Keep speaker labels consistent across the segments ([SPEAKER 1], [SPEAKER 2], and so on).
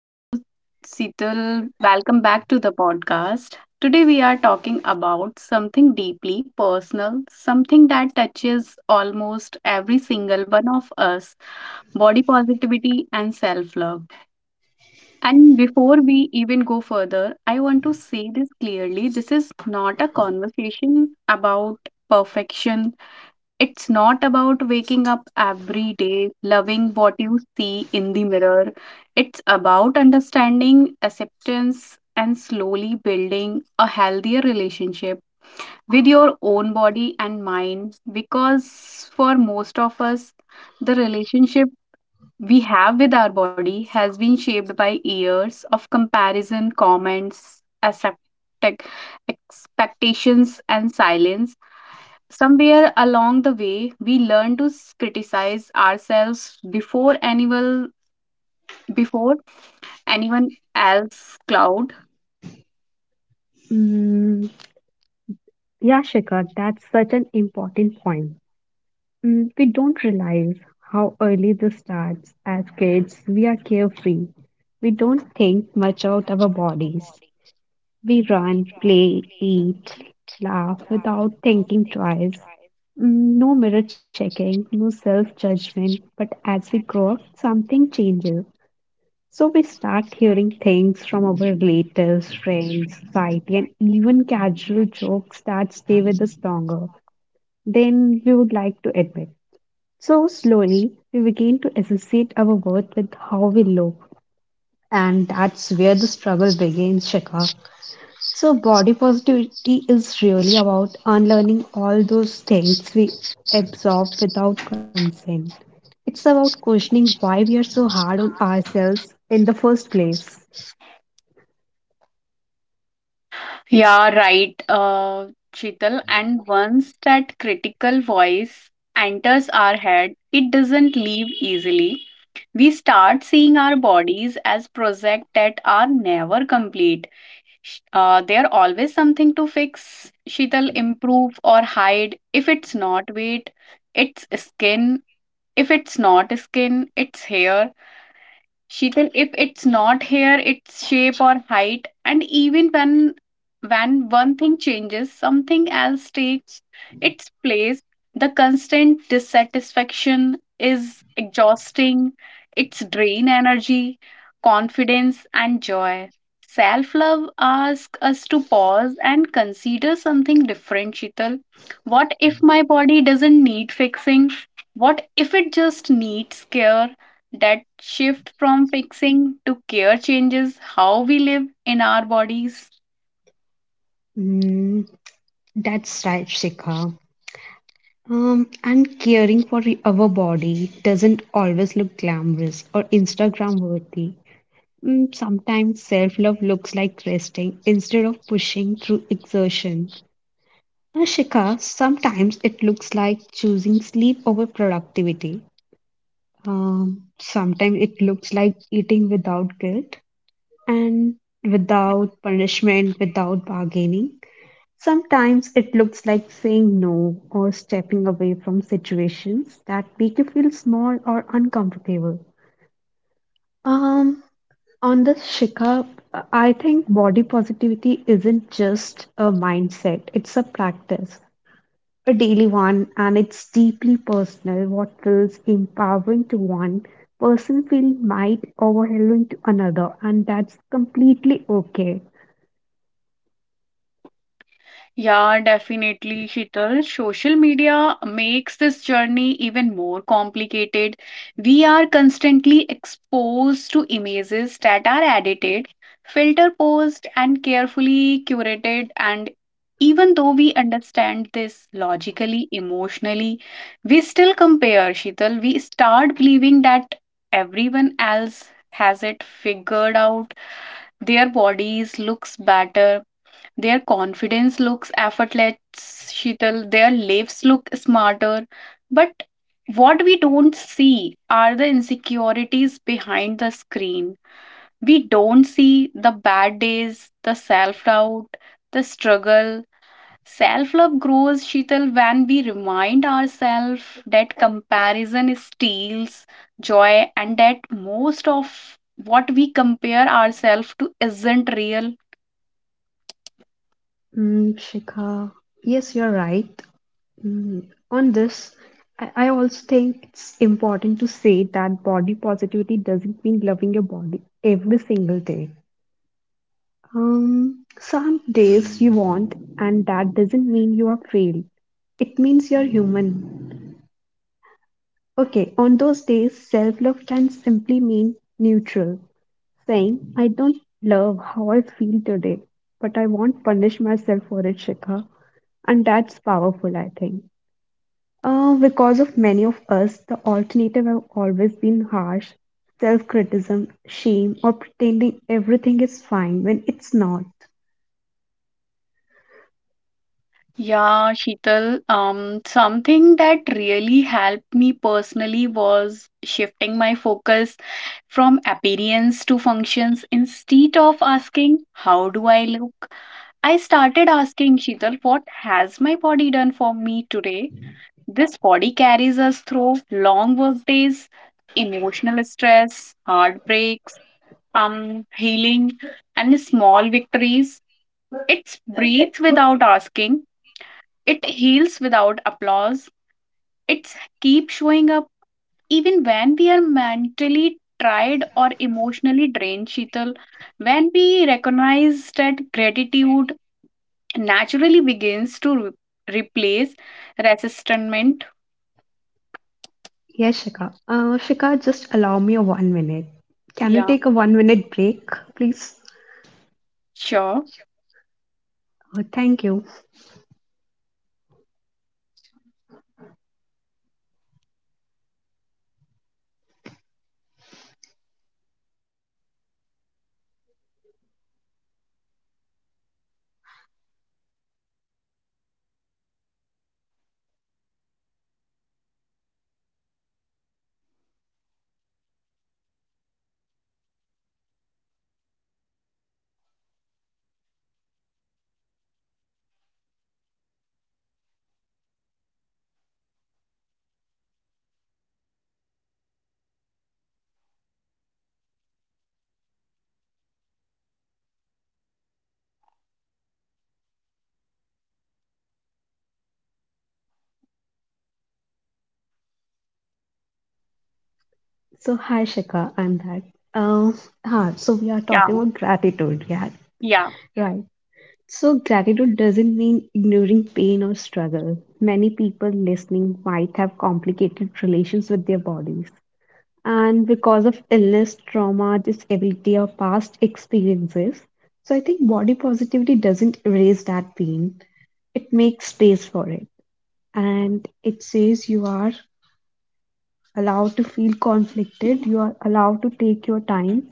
[SPEAKER 1] So, Sital, welcome back to the podcast. Today, we are talking about something deeply personal, something that touches almost every single one of us, body positivity and self love. And before we even go further, I want to say this clearly, this is not a conversation about perfection. It's not about waking up every day loving what you see in the mirror. It's about understanding acceptance and slowly building a healthier relationship with your own body and mind, because for most of us the relationship we have with our body has been shaped by years of comparison, comments, expectations, and silence. Somewhere along the way, we learn to criticize ourselves before anyone, before anyone else cloud.
[SPEAKER 2] Mm, yeah, Shikhar, that's such an important point. We don't realize how early this starts. As kids, we are carefree. We don't think much about our bodies. We run, play, eat, laugh without thinking twice. No mirror checking, no self judgment. But as we grow up, something changes. So we start hearing things from our relatives, friends, society, and even casual jokes that stay with us longer than we would like to admit. So slowly, we begin to associate our worth with how we look, and that's where the struggle begins, Shikha. So body positivity is really about unlearning all those things we absorb without consent. It's about questioning why we are so hard on ourselves in the first place.
[SPEAKER 1] Yeah, right, uh, Sheetal. And once that critical voice enters our head, it doesn't leave easily. We start seeing our bodies as projects that are never complete. They are always something to fix, Sheetal, improve or hide. If it's not weight, it's skin. If it's not skin, it's hair. Sheetal, if it's not hair, it's shape or height. And even when one thing changes, something else takes its place. The constant dissatisfaction is exhausting. It's drain energy, confidence, and joy. Self love asks us to pause and consider something different, Sheetal. What if my body doesn't need fixing? What if it just needs care? That shift from fixing to care changes how we live in our bodies.
[SPEAKER 2] Mm, that's right, Shikha. And caring for our body doesn't always look glamorous or Instagram worthy. Sometimes self love looks like resting instead of pushing through exertion. And Shikha, sometimes it looks like choosing sleep over productivity. Sometimes it looks like eating without guilt and without punishment, without bargaining. Sometimes it looks like saying no or stepping away from situations that make you feel small or uncomfortable. Um, on the Shikha, I think body positivity isn't just a mindset, it's a practice, a daily one, and it's deeply personal. What feels empowering to one person feels might overwhelming to another, and that's completely okay.
[SPEAKER 1] Yeah, definitely, Shital. Social media makes this journey even more complicated. We are constantly exposed to images that are edited, filter posed, and carefully curated. And even though we understand this logically, emotionally, we still compare, Shital. We start believing that everyone else has it figured out. Their bodies looks better, their confidence looks effortless, Sheetal. Their lives look smarter. But what we don't see are the insecurities behind the screen. We don't see the bad days, the self doubt, the struggle. Self love grows, Sheetal, when we remind ourselves that comparison steals joy and that most of what we compare ourselves to isn't real.
[SPEAKER 2] Shikha, yes, you're right. On this, I also think it's important to say that body positivity doesn't mean loving your body every single day. Some days you want, and that doesn't mean you are failed. It means you're human. Okay, on those days, self love can simply mean neutral, saying, I don't love how I feel today, but I won't punish myself for it, Shikha. And that's powerful, I think. Because of many of us, the alternative have always been harsh self-criticism, shame, or pretending everything is fine when it's not.
[SPEAKER 1] Yeah, Sheetal, something that really helped me personally was shifting my focus from appearance to functions. Instead of asking, how do I look? I started asking, Sheetal, what has my body done for me today? This body carries us through long work days, emotional stress, heartbreaks, healing, and small victories. It's breathe without asking. It heals without applause. It keeps showing up even when we are mentally tired or emotionally drained, Sheetal. When we recognize that, gratitude naturally begins to replace resistance.
[SPEAKER 2] Yes, Shika. Shika, just allow me a 1 minute. Can we
[SPEAKER 1] Yeah,
[SPEAKER 2] take a 1 minute break, please?
[SPEAKER 1] sure.
[SPEAKER 2] Thank you. So, hi Shika, I'm back. Uh, so we are talking
[SPEAKER 1] Yeah,
[SPEAKER 2] about gratitude, yeah,
[SPEAKER 1] yeah,
[SPEAKER 2] right? So, gratitude doesn't mean ignoring pain or struggle. Many people listening might have complicated relations with their bodies. And because of illness, trauma, disability, or past experiences. So, I think body positivity doesn't erase that pain, it makes space for it. And it says you are allowed to feel conflicted, you are allowed to take your time,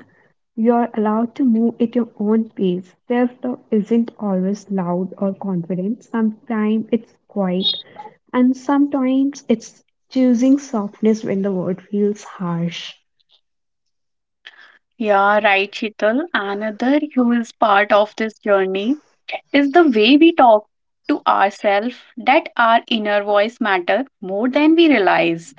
[SPEAKER 2] you are allowed to move at your own pace. Self love isn't always loud or confident, sometimes it's quiet, and sometimes it's choosing softness when the world feels harsh.
[SPEAKER 1] yeah, right, Sheetal. Another huge part of this journey is the way we talk to ourselves, that our inner voice matter more than we realize.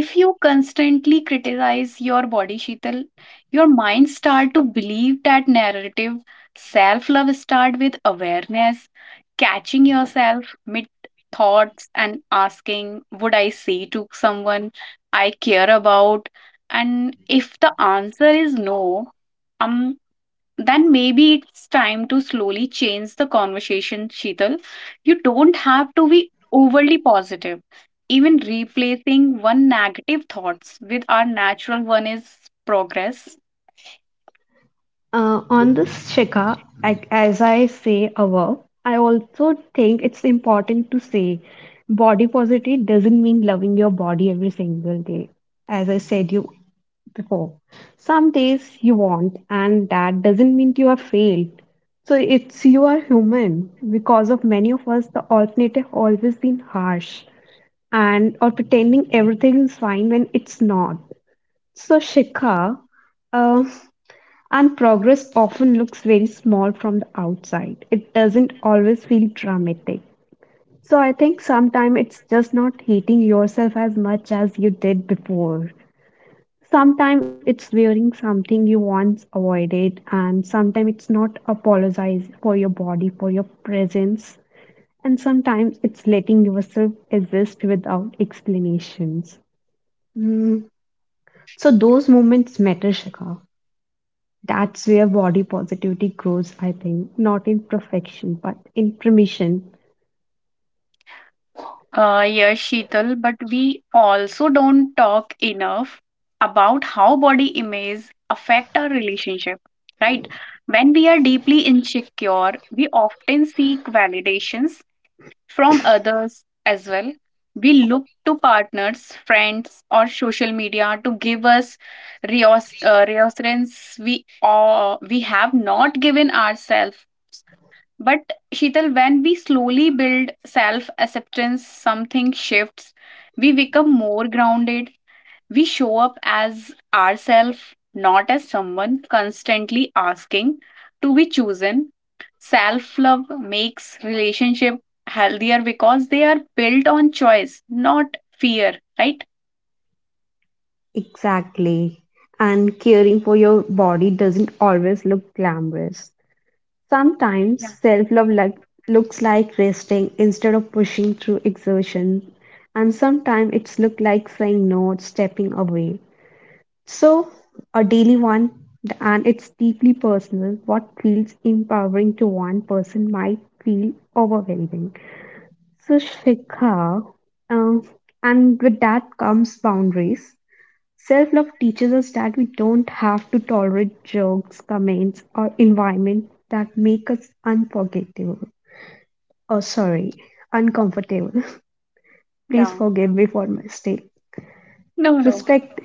[SPEAKER 1] If you constantly criticize your body, Sheetal, your mind start to believe that narrative. Self-love start with awareness, catching yourself mid thoughts and asking, would I say to someone I care about? And if the answer is no, um, then maybe it's time to slowly change the conversation, Sheetal. You don't have to be overly positive, even replacing one negative thoughts with our natural one is progress.
[SPEAKER 2] On this, Shikha, I, as I say a verb, I also think it's important to say body positivity doesn't mean loving your body every single day, as I said you before. Some days you won't, and that doesn't mean you have failed. So it's you are human. Because of many of us, the alternative always been harsh and or pretending everything is fine when it's not. So Shikha, uh, and progress often looks very small from the outside. It doesn't always feel dramatic. So I think sometimes it's just not hating yourself as much as you did before. Sometimes it's wearing something you once avoided, and sometimes it's not apologize for your body, for your presence, and sometimes it's letting yourself exist without explanations. Mm, So those moments matter, Shaka. That's where body positivity grows, I think. Not in perfection, but in permission.
[SPEAKER 1] Yes, Sheetal, but we also don't talk enough about how body image affect our relationship, right? When we are deeply insecure, we often seek validations from others as well. We look to partners, friends, or social media to give us reassurance we have not given ourselves. But Shital, when we slowly build self acceptance, something shifts. We become more grounded, we show up as ourselves, not as someone constantly asking to be chosen. Self love makes relationship healthier because they are built on choice, not fear, right?
[SPEAKER 2] Exactly. And caring for your body doesn't always look glamorous. Sometimes
[SPEAKER 1] Yeah,
[SPEAKER 2] self love like, looks like resting instead of pushing through exertion. And sometimes it's look like saying no, stepping away. So, a daily one, and it's deeply personal. What feels empowering to one person might feel overwhelming Sushvikha. Uh, and with that comes boundaries. Self love teaches us that we don't have to tolerate jokes, comments, or environment that make us unforgettable. Oh, sorry, uncomfortable. Please
[SPEAKER 1] yeah.
[SPEAKER 2] forgive me for my mistake.
[SPEAKER 1] No, no.
[SPEAKER 2] Respect,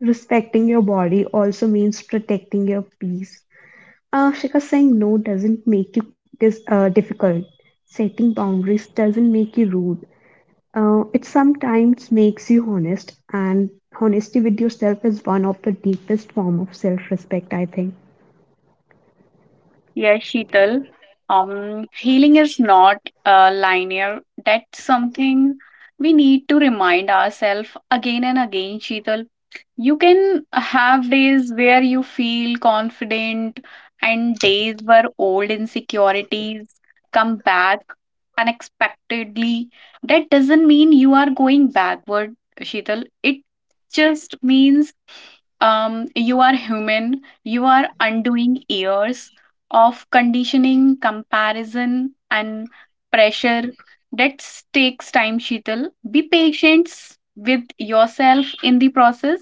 [SPEAKER 2] respecting your body also means protecting your peace. Shikha, saying no doesn't make you difficult. Setting boundaries doesn't make you rude. It sometimes makes you honest, and honesty with yourself is one of the deepest form of self-respect, I think.
[SPEAKER 1] Yes, Sheetal. Healing is not linear. That's something we need to remind ourselves again and again, Sheetal. You can have days where you feel confident, and days where old insecurities come back unexpectedly. That doesn't mean you are going backward, Sheetal. It just means you are human, you are undoing years of conditioning, comparison, and pressure. That takes time, Sheetal. Be patient with yourself in the process.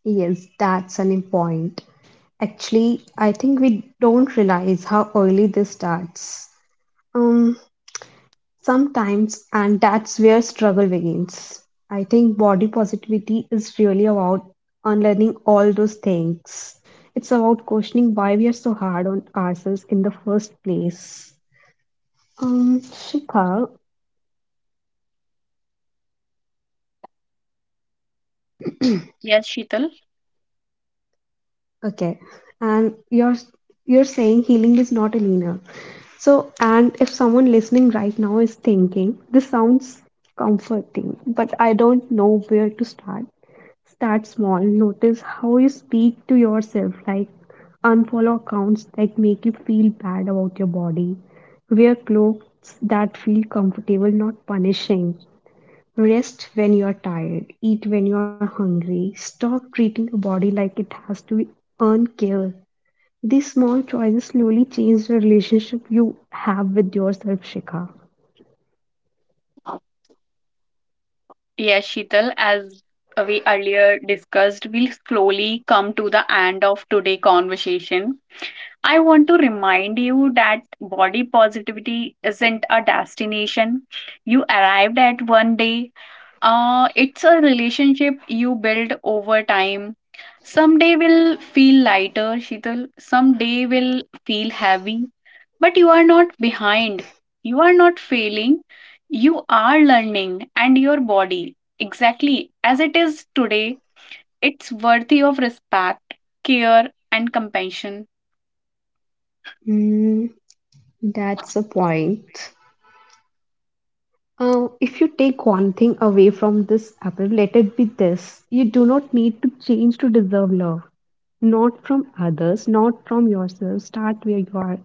[SPEAKER 2] Yes, that's an important. Actually, I think we don't realize how early this starts. Um, Sometimes, and that's where struggle begins. I think body positivity is really about unlearning all those things. It's about questioning why we are so hard on ourselves in the first place. Shikha,
[SPEAKER 1] Yes, Sheetal.
[SPEAKER 2] okay. And you're saying healing is not a linear. So, and if someone listening right now is thinking, this sounds comforting, but I don't know where to start. Start small. Notice how you speak to yourself, like unfollow accounts that make you feel bad about your body. Wear clothes that feel comfortable, not punishing. Rest when you're tired, eat when you're hungry, stop treating your body like it has to earn care. These small choices slowly change the relationship you have with yourself, Shikha.
[SPEAKER 1] Yes, Sheetal, as we earlier discussed, we'll slowly come to the end of today conversation. I want to remind you that body positivity isn't a destination you arrived at one day. It's a relationship you build over time. Some day will feel lighter, Sheetal. Some day will feel heavy. But you are not behind. You are not failing. You are learning, and your body, exactly as it is today, it's worthy of respect, care, and compassion.
[SPEAKER 2] Hmm, that's a point. If you take one thing away from this apple, let it be this. You do not need to change to deserve love. Not from others, not from yourself. Start where you are.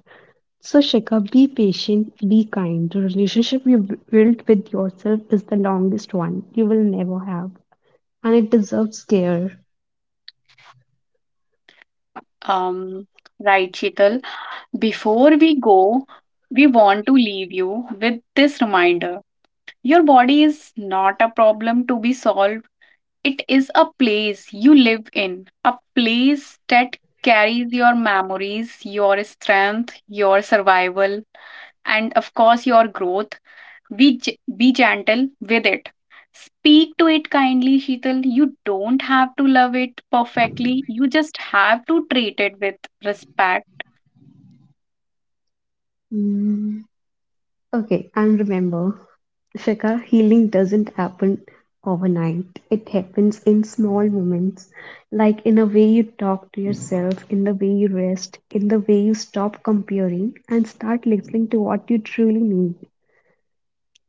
[SPEAKER 2] So, Shikha, be patient, be kind. The relationship you built with yourself is the longest one you will never have, and it deserves care.
[SPEAKER 1] Um, right, Sheetal. Before we go, we want to leave you with this reminder. Your body is not a problem to be solved. It is a place you live in, a place that carries your memories, your strength, your survival, and of course, your growth. Be gentle with it. Speak to it kindly, Sheetal. You don't have to love it perfectly. You just have to treat it with respect.
[SPEAKER 2] Mm. Okay, and remember, Shikha, healing doesn't happen overnight. It happens in small moments, like in a way you talk to yourself, in the way you rest, in the way you stop comparing and start listening to what you truly need.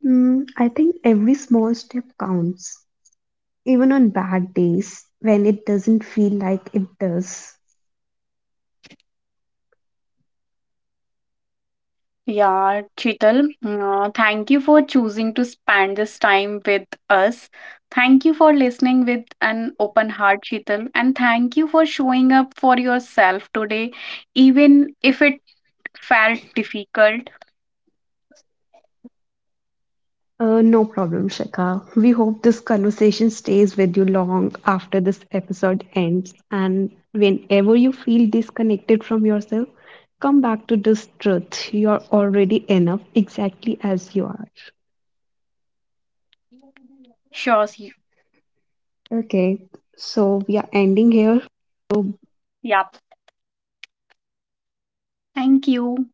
[SPEAKER 2] I think every small step counts. Even on bad days, when it doesn't feel like it does.
[SPEAKER 1] Yeah, Chital, thank you for choosing to spend this time with us. Thank you for listening with an open heart, Chital, and thank you for showing up for yourself today, even if it felt difficult.
[SPEAKER 2] No problem, Shikha. We hope this conversation stays with you long after this episode ends. And whenever you feel disconnected from yourself, come back to this truth. You're already enough exactly as you are.
[SPEAKER 1] Sure, see.
[SPEAKER 2] Okay, so we are ending here. So
[SPEAKER 1] Yep. Thank you.